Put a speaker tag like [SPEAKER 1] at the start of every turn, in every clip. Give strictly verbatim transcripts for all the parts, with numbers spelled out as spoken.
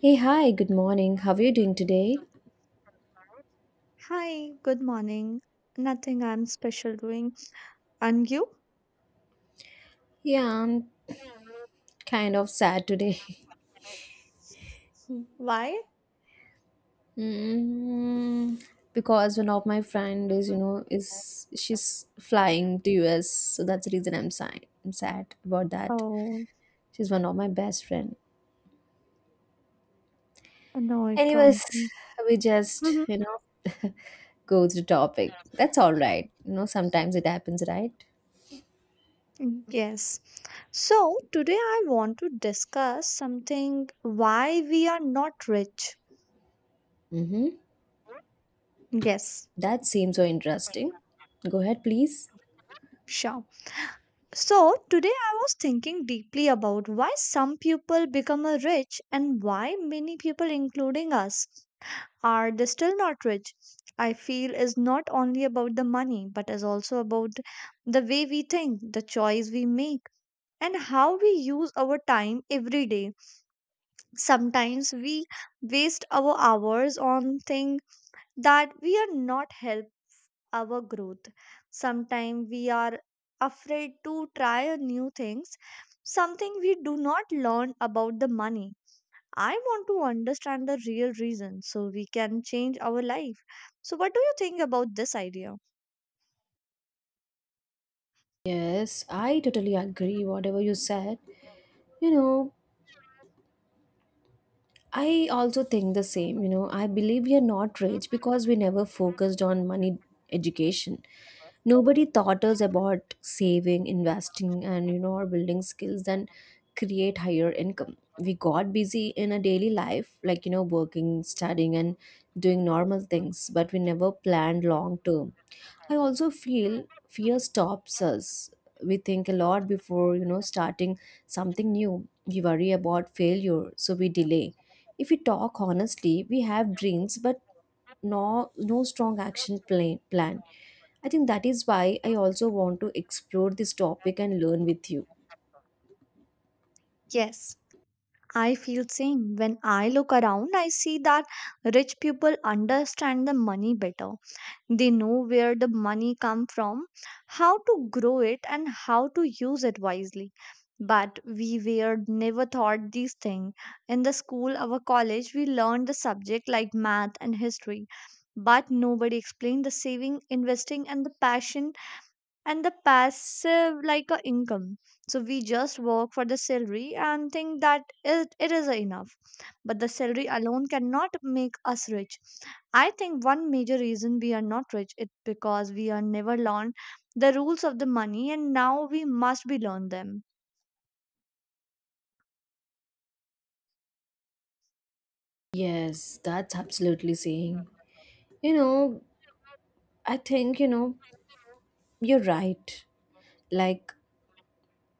[SPEAKER 1] Hey, hi, good morning. How are you doing today? Yeah, I'm kind of sad today. Mm, because one of my friend is, you know, is she's flying to U S, so that's the reason I'm sad. I'm sad about that.
[SPEAKER 2] Oh,
[SPEAKER 1] She's one of my best friend.
[SPEAKER 2] annoy
[SPEAKER 1] Anyways,
[SPEAKER 2] probably.
[SPEAKER 1] we just,
[SPEAKER 2] Mhm.
[SPEAKER 1] you know, go to the topic. That's all right. You know, sometimes it happens, right?
[SPEAKER 2] Mm, yes. So today I want to discuss something, why we are not rich.
[SPEAKER 1] Mm-hmm.
[SPEAKER 2] Yes,
[SPEAKER 1] That seems so interesting. Go ahead, please.
[SPEAKER 2] sure. So today I was thinking deeply about why some people become a rich and why many people, including us, are they still not rich. I feel is not only about the money, but is also about the way we think, the choice we make, and how we use our time every day. Sometimes we waste our hours on things that we are not help our growth. Sometimes we are afraid to try a new things, something we do not learn about the money. I want to understand the real reason so we can change our life. So what do you think about this idea?
[SPEAKER 1] Yes, I totally agree whatever you said. You know, I also think the same. You know, I believe we are not rich because we never focused on money education. Nobody taught us about saving, investing, and you know, or building skills and create higher income. We got busy in a daily life, like you know, working, studying, and doing normal things, but we never planned long term. I also feel fear stops us. We think a lot before, you know, starting something new. We worry about failure, so we delay. If we talk honestly, we have dreams but no no strong action plan plan. I think that is why I also want to explore this topic and learn with you.
[SPEAKER 2] Yes, I feel same. When I look around, I see that rich people understand the money better. They know where the money come from, how to grow it and how to use it wisely. But we were never taught these things. In the school, our college, we learned the subject like math and history, but nobody explained the saving, investing, and the passion and the passive like a income, so we just work for the salary and think that it, it is enough, but the salary alone cannot make us rich. I think one major reason we are not rich is because we are never learned the rules of the money, and now we must be learn them.
[SPEAKER 1] Yes, that's absolutely saying. You know, I think, you know, you're right. Like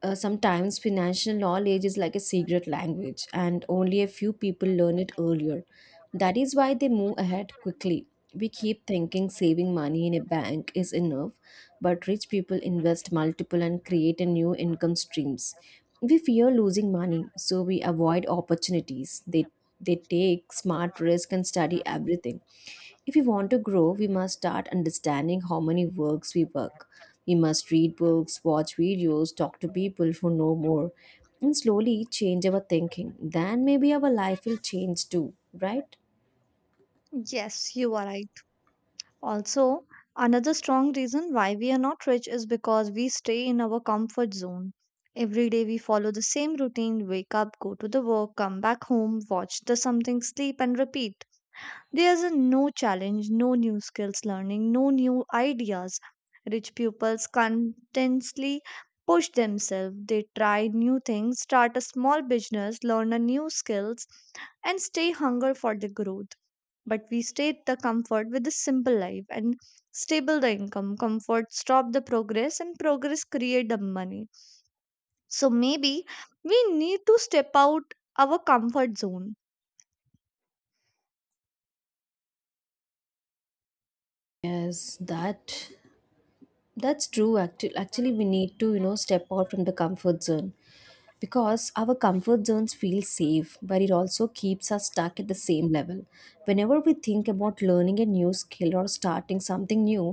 [SPEAKER 1] uh, sometimes financial knowledge is like a secret language and only a few people learn it earlier. That is why they move ahead quickly. We keep thinking saving money in a bank is enough, but rich people invest multiple and create a new income streams. We fear losing money, so we avoid opportunities. They they take smart risk and study everything. If we want to grow, we must start understanding how many works we work. We must read books, watch videos, talk to people who know more, and slowly change our thinking. Then maybe our life will change too, right?
[SPEAKER 2] Yes, you are right. Also, another strong reason why we are not rich is because we stay in our comfort zone. Every day we follow the same routine, wake up, go to the work, come back home, watch the something, sleep, and repeat. There's a no challenge, no new skills learning, no new ideas. Rich pupils constantly push themselves. They try new things, start a small business, learn a new skills, and stay hunger for the growth, but we state the comfort with a simple life and stable the income. Comfort stop the progress and progress create the money. So maybe we need to step out our comfort zone.
[SPEAKER 1] Yes, that that's true. Actually, actually, we need to you know step out from the comfort zone. Because our comfort zones feel safe, but it also keeps us stuck at the same level. Whenever we think about learning a new skill or starting something new,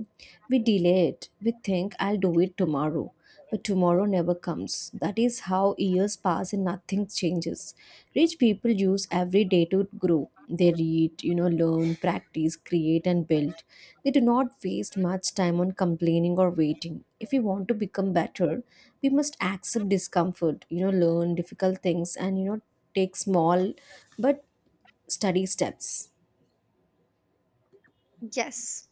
[SPEAKER 1] we delay it. We think, I'll do it tomorrow. But tomorrow never comes. That is how years pass and nothing changes. Rich people use every day to grow. They read, you know, learn, practice, create, and build. They do not waste much time on complaining or waiting. If we want to become better, we must accept discomfort, you know, learn difficult things and, you know, take small but steady steps.
[SPEAKER 2] Yes,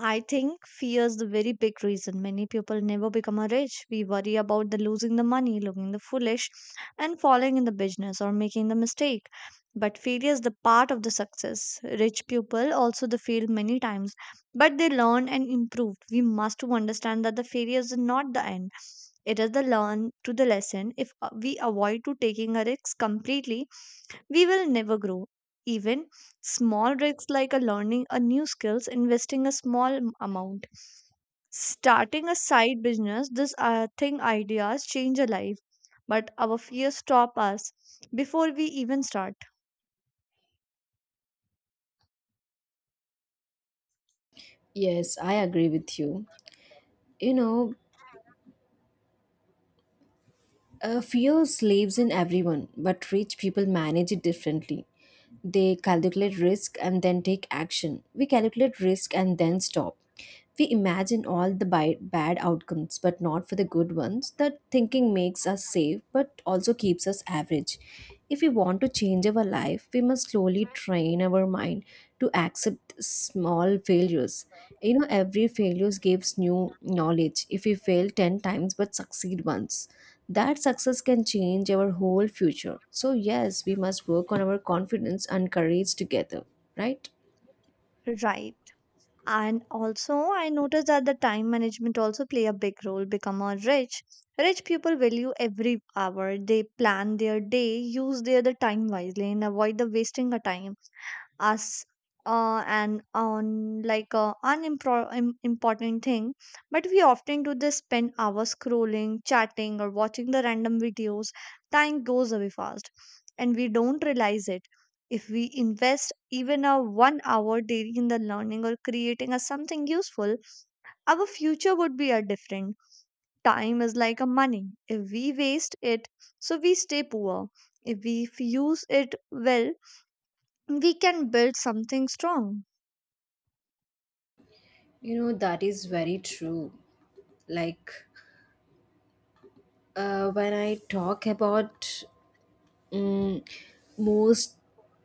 [SPEAKER 2] I think fear is the very big reason many people never become a rich. We worry about the losing the money, looking the foolish, and falling in the business or making the mistake. But failure is the part of the success. Rich people also they fail many times, but they learn and improve. We must to understand that the failure is not the end. It is the learn to the lesson. If uh, we avoid to taking a risk completely, we will never grow. Even small risks like a learning a new skills, investing a small m- amount, starting a side business, this uh, thing ideas change a life, but our fears stop us before we even start.
[SPEAKER 1] Yes, I agree with you. You know, Uh, fear lives in everyone, but rich people manage it differently. They calculate risk and then take action. We calculate risk and then stop. We imagine all the bi- bad outcomes, but not for the good ones. That thinking makes us safe, but also keeps us average. If we want to change our life, we must slowly train our mind to accept small failures. You know, every failure gives new knowledge. If we fail ten times but succeed once, that success can change our whole future. So, yes, we must work on our confidence and courage together, right?
[SPEAKER 2] Right. And also, I noticed that the time management also play a big role. Become a rich, rich people value every hour. They plan their day, use their the time wisely, and avoid the wasting of time us, uh, and on like uh, unimpro- im- important thing, but we often do this spend hours scrolling, chatting or watching the random videos. Time goes away fast and we don't realize it. If we invest even a one hour daily in the learning or creating a something useful, our future would be a different. Time is like a money. If we waste it, so we stay poor. If we f- use it well, we can build something strong.
[SPEAKER 1] You know, that is very true. Like, uh, when I talk about Mm, most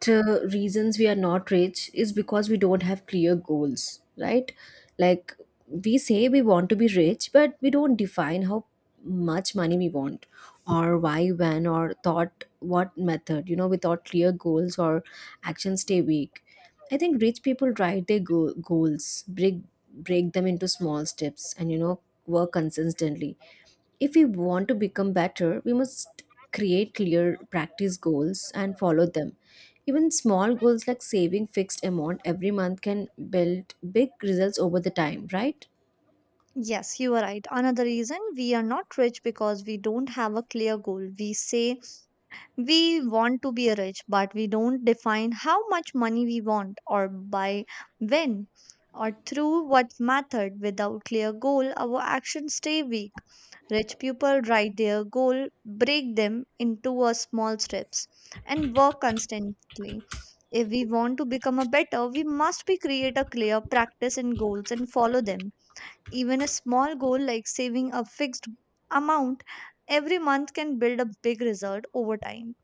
[SPEAKER 1] uh, reasons we are not rich is because we don't have clear goals, right? Like we say we want to be rich, but we don't define how much money we want or why, when, or thought what method. You know, without clear goals or actions stay weak. I think rich people write their go- goals, break break them into small steps, and you know work consistently. If we want to become better, we must create clear practice goals and follow them. Even small goals like saving fixed amount every month can build big results over the time, right?
[SPEAKER 2] Yes, you are right. Another reason we are not rich because we don't have a clear goal. We say we want to be rich, but we don't define how much money we want or by when or through what method. Without clear goal, our actions stay weak. Rich people write their goal, break them into a small steps and work constantly. If we want to become a better, we must be create a clear practice and goals and follow them, even a small goal like saving a fixed amount every month can build a big result over time.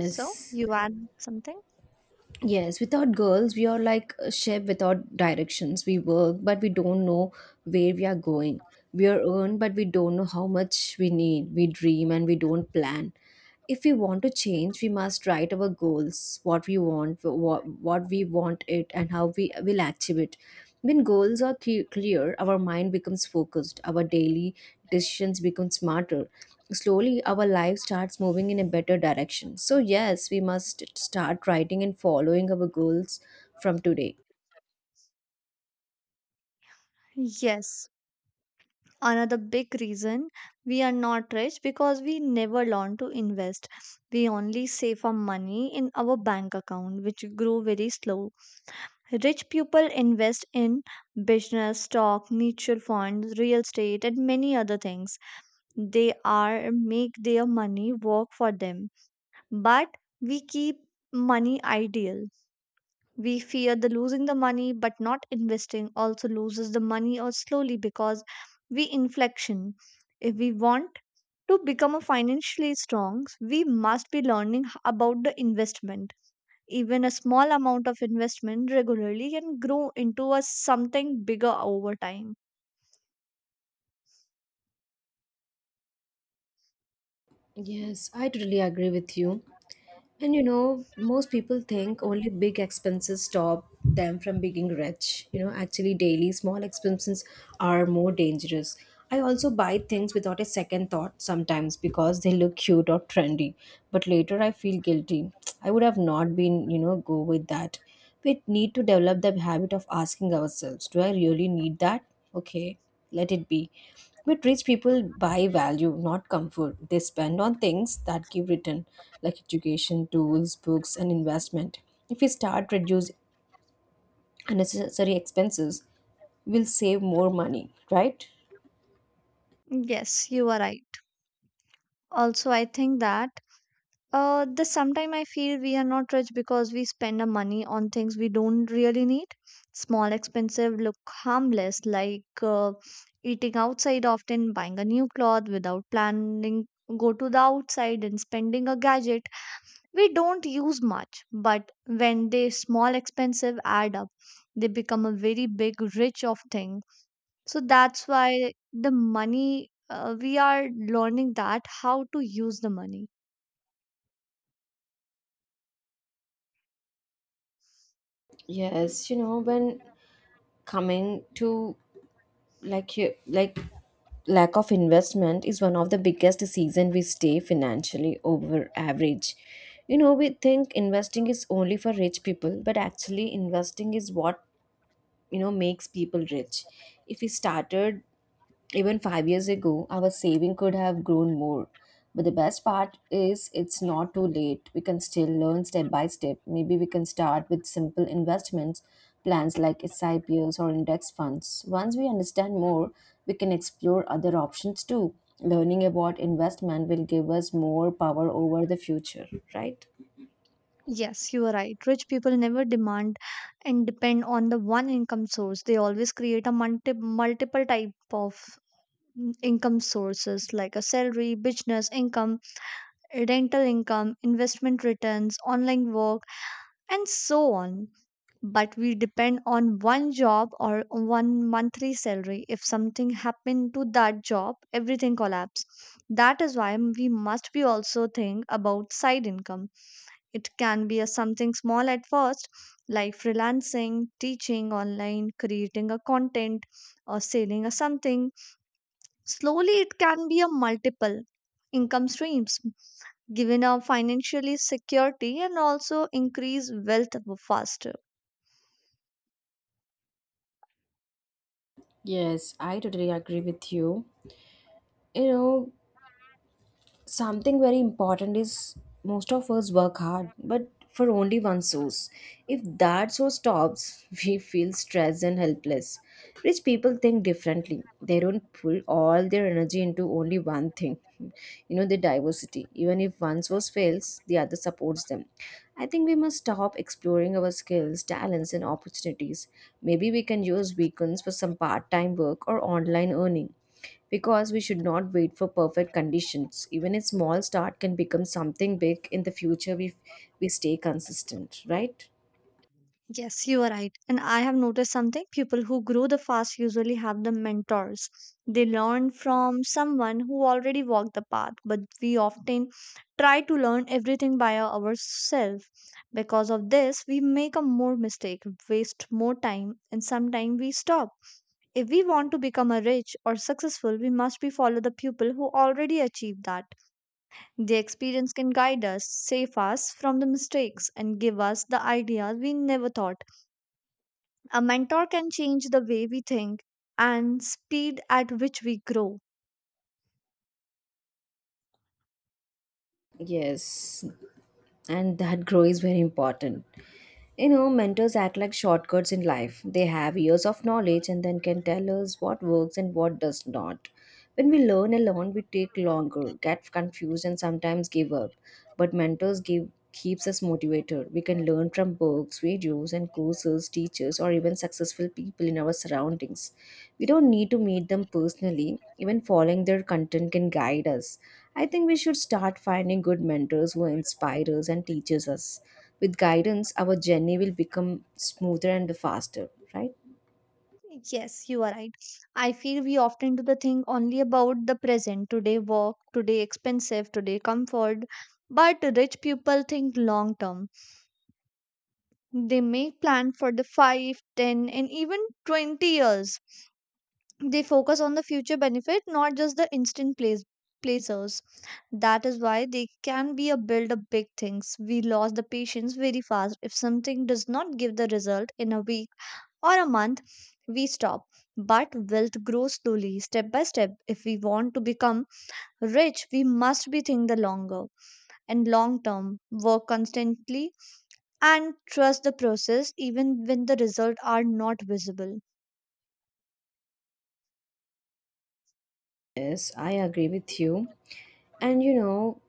[SPEAKER 2] So, you add something?
[SPEAKER 1] Yes, without girls, we are like a ship without directions. We work, but we don't know where we are going. We are earned, but we don't know how much we need. We dream and we don't plan. If we want to change, we must write our goals, what we want, what, what we want it and how we will achieve it. When goals are cle- clear, our mind becomes focused, our daily decisions become smarter. Slowly our life starts moving in a better direction. So yes, we must start writing and following our goals from today.
[SPEAKER 2] Yes. Another big reason we are not rich because we never learn to invest. We only save our money in our bank account, which grow very slow. Rich people invest in business, stock, mutual funds, real estate, and many other things. They are make their money work for them, but we keep money ideal. We fear the losing the money, but not investing also loses the money or slowly because we inflection. If we want to become a financially strong, we must be learning h- about the investment. Even a small amount of investment regularly can grow into a something bigger over time.
[SPEAKER 1] Yes, I totally agree with you. And you know, most people think only big expenses stop them from being rich. You know, actually, daily small expenses are more dangerous. I also buy things without a second thought sometimes because they look cute or trendy, but later I feel guilty. I would have not been, you know, go with that. We need to develop the habit of asking ourselves, do I really need that? Okay, let it be. But rich people buy value, not comfort. They spend on things that give return, like education, tools, books, and investment. If we start reduce unnecessary expenses, we'll save more money, right?
[SPEAKER 2] Yes, you are right. Also, I think that Uh, the sometime I feel we are not rich because we spend our money on things we don't really need. Small expensive look harmless, like uh, eating outside often, buying a new cloth without planning, go to the outside and spending a gadget we don't use much. But when they small expensive add up, they become a very big rich of thing. So that's why the money uh, we are learning that how to use the money.
[SPEAKER 1] Yes, you know, when coming to like you like lack of investment is one of the biggest reason we stay financially over average. You know, we think investing is only for rich people, but actually investing is what you know makes people rich. If we started even five years ago, our saving could have grown more. But the best part is, it's not too late. We can still learn step by step. Maybe we can start with simple investments plans like SIPs or index funds. Once we understand more, we can explore other options too. Learning about investment will give us more power over the future, right?
[SPEAKER 2] Yes, you are right. Rich people never demand and depend on the one income source. They always create a multi multiple type of mm, income sources like a salary, business income, rental income, investment returns, online work, and so on. But we depend on one job or one monthly salary. If something happened to that job, everything collapse. That is why we must be also think about side income. It can be a something small at first, like freelancing, teaching online, creating a content, or selling a something. Slowly, it can be a multiple income streams, giving a financially security and also increase wealth faster.
[SPEAKER 1] Yes, I totally agree with you. You know, something very important is most of us work hard but for only one source. If that source stops we feel stressed and helpless. Rich people think differently. They don't pull all their energy into only one thing. You know, the diversity, even if one source fails, the other supports them. I think we must stop exploring our skills, talents and opportunities. Maybe we can use weekends for some part-time work or online earning, because we should not wait for perfect conditions. Even a small start can become something big in the future if we stay consistent, right?
[SPEAKER 2] Yes, you are right. And I have noticed something. People who grow the fast usually have the mentors. They learn from someone who already walked the path, but we often try to learn everything by our- ourselves. Because of this, we make a more mistake, waste more time, and sometimes we stop. If we want to become a rich or successful, we must be follow the people who already achieved that. Their experience can guide us, save us from the mistakes, and give us the ideas we never thought. A mentor can change the way we think and speed at which we grow.
[SPEAKER 1] Yes, and that grow is very important. You know, mentors act like shortcuts in life. They have years of knowledge and then can tell us what works and what does not. When we learn alone, we take longer, get confused, and sometimes give up. But mentors give keeps us motivated. We can learn from books, videos, and courses, teachers, or even successful people in our surroundings. We don't need to meet them personally. Even following their content can guide us. I think we should start finding good mentors who inspire us and teaches us. With guidance, our journey will become smoother and faster, right?
[SPEAKER 2] Yes, you are right. I feel we often do the thing only about the present, today work, today expensive, today comfort. But rich people think long term. They make plan for the five, ten, and even twenty years. They focus on the future benefit, not just the instant place placers. That is why they can be a build up big things. We lost the patience very fast. If something does not give the result in a week or a month, we stop. But wealth grows slowly, step by step. If we want to become rich, we must be think the longer and long term, work constantly and trust the process even when the results are not visible.
[SPEAKER 1] Yes, I agree with you. And you know,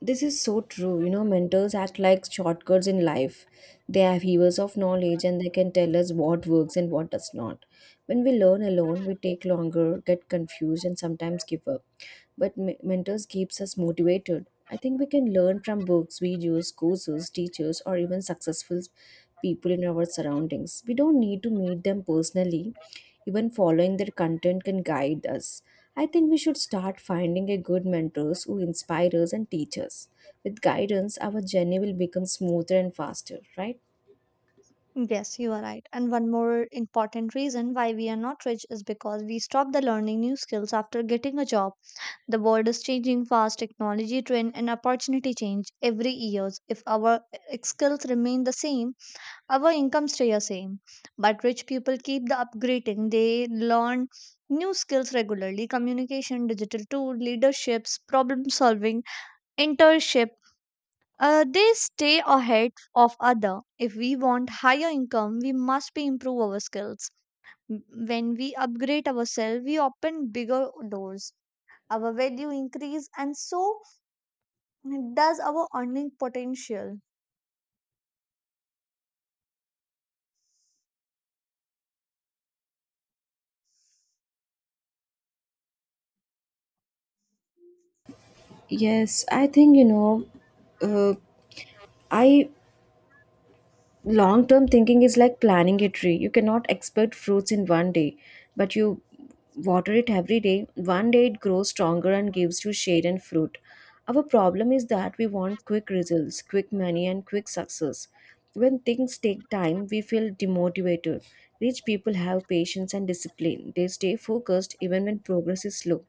[SPEAKER 1] this is so true. You know, mentors act like shortcuts in life. They have heavers of knowledge and they can tell us what works and what does not. When we learn alone, we take longer, get confused, and sometimes give up. But me- mentors keeps us motivated. I think we can learn from books, videos, courses, teachers, or even successful people in our surroundings. We don't need to meet them personally. Even following their content can guide us. I think we should start finding a good mentors who inspire us and teach us. With guidance, our journey will become smoother and faster, right?
[SPEAKER 2] Yes, you are right. And one more important reason why we are not rich is because we stop the learning new skills after getting a job. The world is changing fast, technology trend and opportunity change every years. If our uh, skills remain the same, our income stay the same. But rich people keep the upgrading. They learn new skills regularly, communication, digital tool, leaderships, problem solving, internship, uh, they stay ahead of other. If we want higher income, we must be improve our skills. M- When we upgrade ourselves, we open bigger doors. Our value increase, and so does our earning potential.
[SPEAKER 1] Yes, I think, you know uh, I long term thinking is like planting a tree. You cannot expect fruits in one day, but you water it every day. One day it grows stronger and gives you shade and fruit. Our problem is that we want quick results, quick money and quick success. When things take time, we feel demotivated. Rich people have patience and discipline. They stay focused even when progress is slow.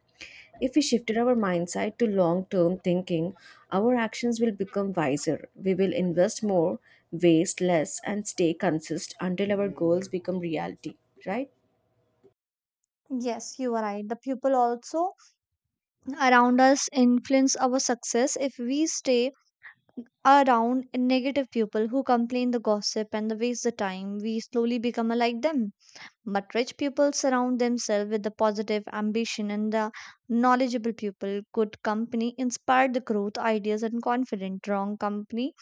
[SPEAKER 1] If we shifted our mindset to long term thinking, our actions will become wiser. We will invest more, waste less, and stay consistent until our goals become reality, right?
[SPEAKER 2] Yes, you are right. The people also around us influence our success. If we stay around negative people who complain the gossip and the waste the time, we slowly become like them. But rich people surround themselves with the positive ambition and the knowledgeable people. Good company inspire the growth, ideas, and confidence. Wrong company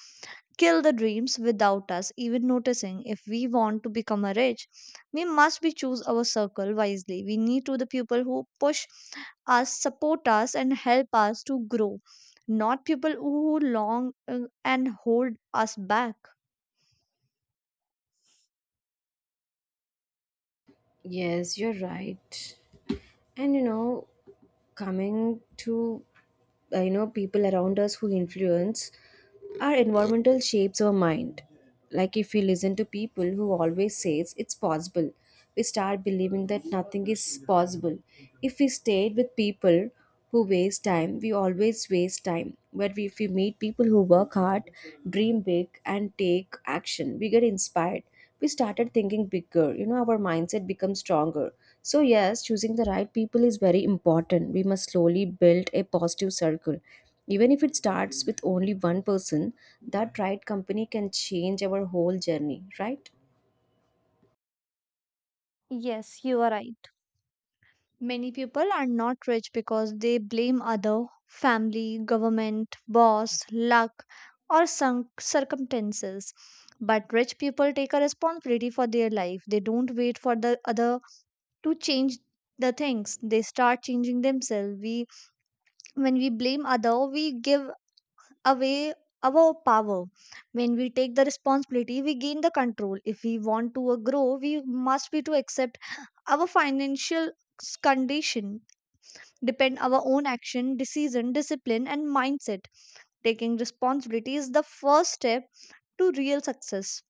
[SPEAKER 2] kill the dreams without us even noticing. If we want to become a rich, we must be choose our circle wisely. We need to the people who push us, support us, and help us to grow, not people who long uh, and hold us back.
[SPEAKER 1] Yes, you're right. And you know, coming to uh, you know people around us who influence our environmental shapes our mind. Like if we listen to people who always says it's possible, we start believing that nothing is possible. If we stayed with people who waste time, we always waste time. But if we meet people who work hard, dream big and take action, we get inspired. We started thinking bigger. You know, our mindset becomes stronger. So yes, choosing the right people is very important. We must slowly build a positive circle, even if it starts with only one person. That right company can change our whole journey, right?
[SPEAKER 2] Yes, you are right. Many people are not rich because they blame other family, government, boss, luck, or some circumstances. But rich people take a responsibility for their life. They don't wait for the other to change the things. They start changing themselves. We, when we blame other, we give away our power. When we take the responsibility, we gain the control. If we want to uh, grow, we must be to accept our financial s- condition depend our own action, decision, discipline and mindset. Taking responsibility is the first step to real success.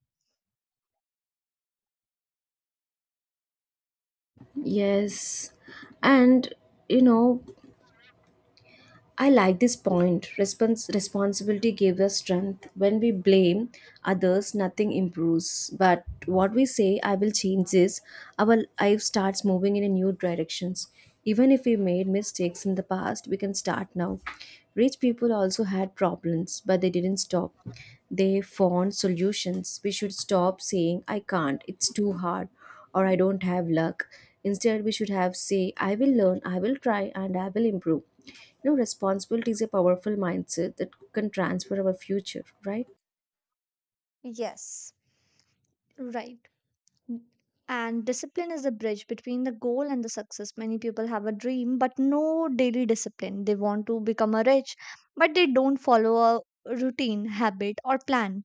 [SPEAKER 1] Yes, and you know. I like this point. Respons- responsibility gives us strength. When we blame others, nothing improves. But what we say, I will change this, our life starts moving in a new directions. Even if we made mistakes in the past, we can start now. Rich people also had problems, but they didn't stop. They found solutions. We should stop saying, I can't, it's too hard, or I don't have luck. Instead, we should have say, I will learn, I will try, and I will improve. You know, responsibility is a powerful mindset that can transfer our future, right?
[SPEAKER 2] Yes, right. And discipline is the bridge between the goal and the success. Many people have a dream but no daily discipline. They want to become a rich, but they don't follow a routine, habit or plan.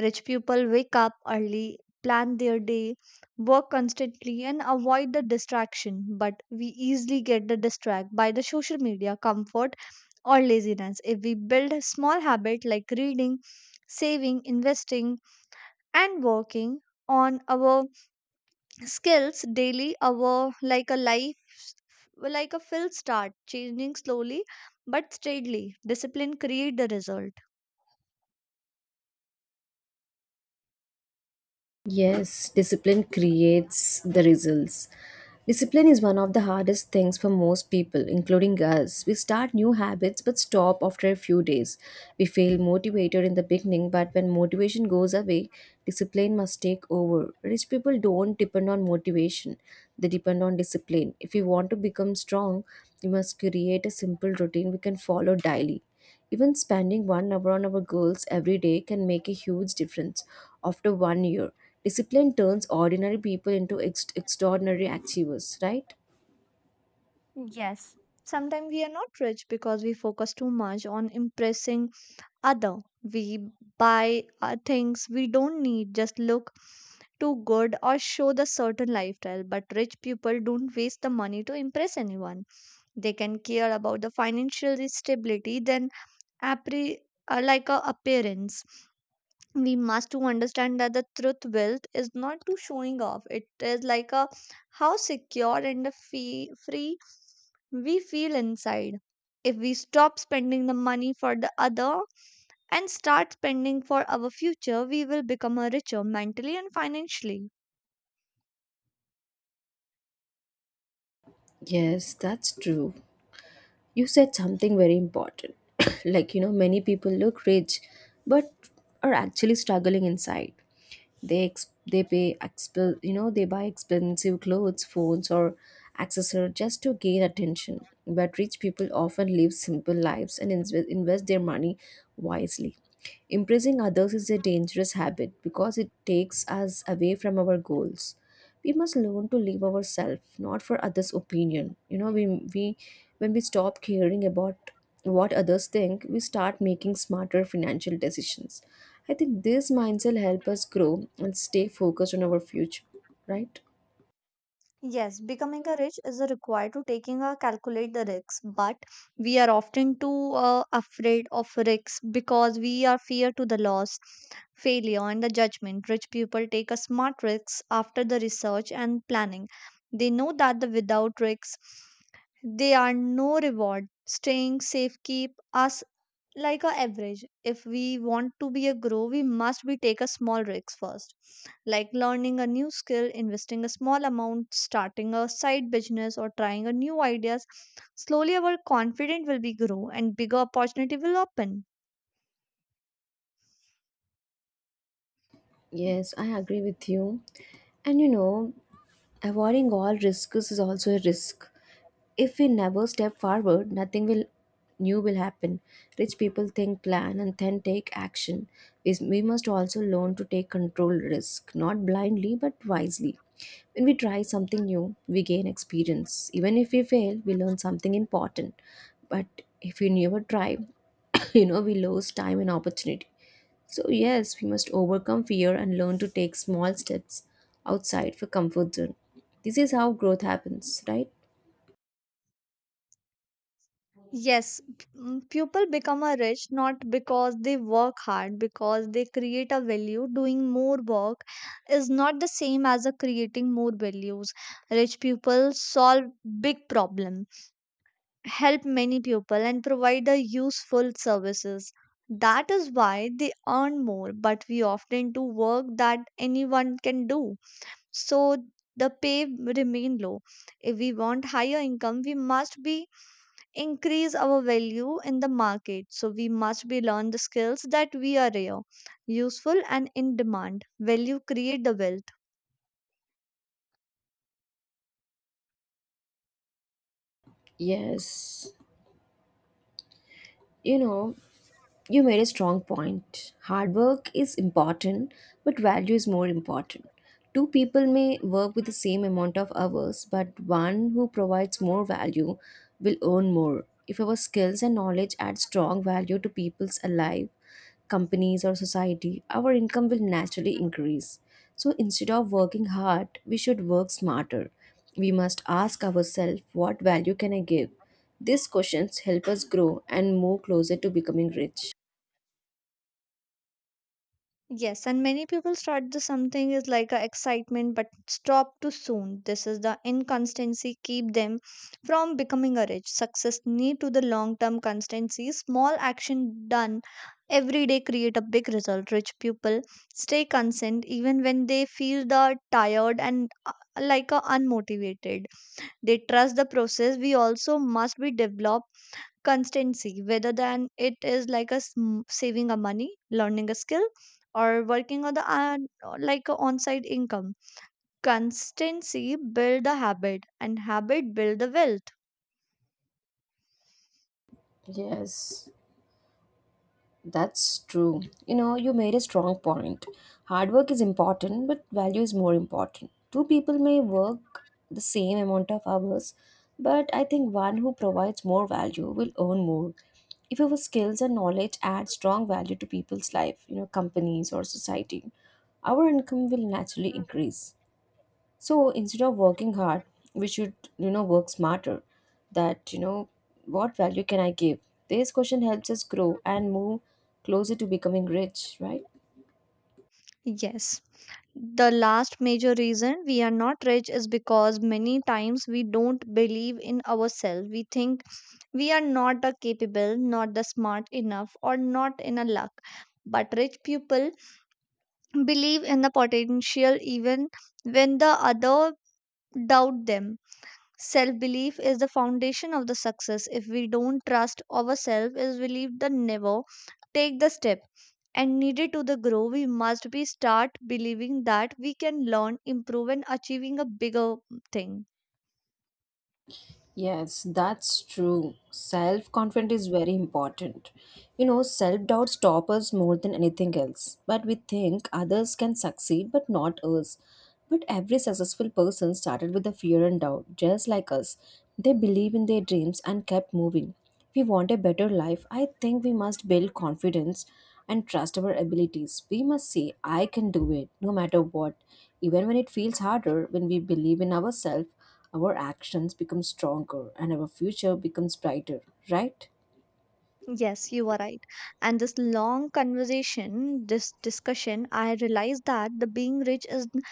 [SPEAKER 2] Rich people wake up early, plan their day, work constantly, and avoid the distraction. But we easily get the distract by the social media, comfort, or laziness. If we build a small habit like reading, saving, investing, and working on our skills daily, our like a life like a fill start, changing slowly but steadily. Discipline create the result.
[SPEAKER 1] Yes, discipline creates the results. Discipline is one of the hardest things for most people, including us. We start new habits but stop after a few days. We feel motivated in the beginning, but when motivation goes away, discipline must take over. Rich people don't depend on motivation, they depend on discipline. If you want to become strong, you must create a simple routine we can follow daily. Even spending one hour on our goals every day can make a huge difference after one year. Discipline turns ordinary people into ex- extraordinary achievers, right?
[SPEAKER 2] Sometimes we are not rich because we focus too much on impressing other. We buy uh, things we don't need, just look too good or show the certain lifestyle. But rich people don't waste the money to impress anyone. They can care about the financial stability than appre- uh, like a appearance. We must to understand that the truth wealth is not to showing off. It is like a how secure and the fee- free we feel inside. If we stop spending the money for the other, and start spending for our future, we will become a richer mentally and financially.
[SPEAKER 1] Yes, that's true. You said something very important. Like, you know, many people look rich but are actually struggling inside. They ex- they pay exp- you know they buy expensive clothes, phones, or accessories just to gain attention. But rich people often live simple lives and inve- invest their money wisely. Impressing others is a dangerous habit because it takes us away from our goals. We must learn to live ourselves, not for others opinion. You know we we when we stop caring about what others think, we start making smarter financial decisions. I think this mindset help us grow and stay focused on our future, right?
[SPEAKER 2] Yes, becoming a rich is a required to taking a calculate the risks, but we are often too uh, afraid of risks because we are fear to the loss, failure, and the judgment. Rich people take a smart risks after the research and planning. They know that the without risks, they are no reward. Staying safe keep us like a average. If we want to be a grow, we must be take a small risks first, like learning a new skill, investing a small amount, starting a side business or trying a new ideas. Slowly our confidence will be grow and bigger opportunity will open.
[SPEAKER 1] Yes, I agree with you. And you know avoiding all risks is also a risk. If we never step forward, nothing will new will happen. Rich people think, plan, and then take action. Is we must also learn to take control risk, not blindly but wisely. When we try something new, we gain experience. Even if we fail, we learn something important. But if we never try, you know we lose time and opportunity. So yes, we must overcome fear and learn to take small steps outside for comfort zone. This is how growth happens, right?
[SPEAKER 2] Yes p- mm, people become a rich not because they work hard, because they create a value. Doing more work is not the same as a creating more values. Rich people solve big problems, help many people and provide a useful services. That is why they earn more, but we often do work that anyone can do. So the pay remain low. If we want higher income, we must be increase our value in the market. So we must be learn the skills that we are here, useful and in demand. Value create the wealth.
[SPEAKER 1] Yes, you know, you made a strong point. Hard work is important, but value is more important. Two people may work with the same amount of hours, but one who provides more value will earn more. If our skills and knowledge add strong value to people's life, companies or society, our income will naturally increase. So instead of working hard, we should work smarter. We must ask ourselves, what value can I give? These questions help us grow and move closer to becoming rich.
[SPEAKER 2] Yes, and many people start the something is like a excitement but stop too soon. This is the inconstancy keep them from becoming a rich. Success need to the long term constancy. Small action done every day create a big result. Rich people stay constant even when they feel the tired and uh, like a unmotivated. They trust the process. We also must be develop constancy whether than it is like a sm- saving a money, learning a skill, or working on the uh, like a on-site income. Constancy build the habit and habit build the wealth.
[SPEAKER 1] Yes. That's true. You know, you made a strong point. Hard work is important, but value is more important. Two people may work the same amount of hours, but I think one who provides more value will earn more. If your skills and knowledge add strong value to people's life, you know, companies or society, our income will naturally increase. So instead of working hard, we should you know work smarter. That, you know what value can I give? This question helps us grow and move closer to becoming rich, right?
[SPEAKER 2] Yes, the last major reason we are not rich is because many times we don't believe in ourselves. We think we are not the capable, not the smart enough or not in a luck. But rich people believe in the potential even when the other doubt them. Self belief is the foundation of the success. If we don't trust ourselves, is we believe the never take the step and needed to the grow, we must be start believing that we can learn, improve, and achieving a bigger thing.
[SPEAKER 1] Yes, that's true. Self confidence is very important. You know, self doubt stops us more than anything else. But we think others can succeed, but not us. But every successful person started with the fear and doubt, just like us. They believe in their dreams and kept moving. If we want a better life, I think we must build confidence and trust our abilities. We must say, I can do it, no matter what. Even when it feels harder, when we believe in ourselves, our actions become stronger and our future becomes brighter, right?
[SPEAKER 2] Yes, you are right. And this long conversation, this discussion, I realized that the being rich is n-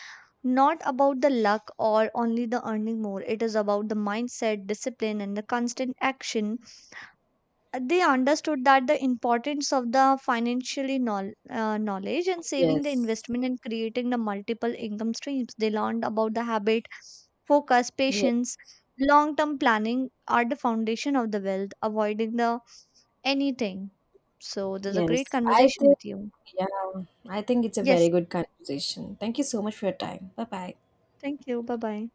[SPEAKER 2] not about the luck or only the earning more. It is about the mindset, discipline, and the constant action. They understood that the importance of the financially knowl- uh, knowledge and saving the
[SPEAKER 1] Yes.
[SPEAKER 2] investment and creating the multiple income streams. They learned about the habit, focus,
[SPEAKER 1] Yeah.
[SPEAKER 2] patience, long term planning are the foundation of the wealth, avoiding the anything. So there's a great
[SPEAKER 1] Yes. I
[SPEAKER 2] conversation
[SPEAKER 1] think,
[SPEAKER 2] with you.
[SPEAKER 1] yeah, I think it's a very
[SPEAKER 2] Yes,
[SPEAKER 1] good conversation. Thank you so much for your time. Bye bye.
[SPEAKER 2] thank you. Bye bye.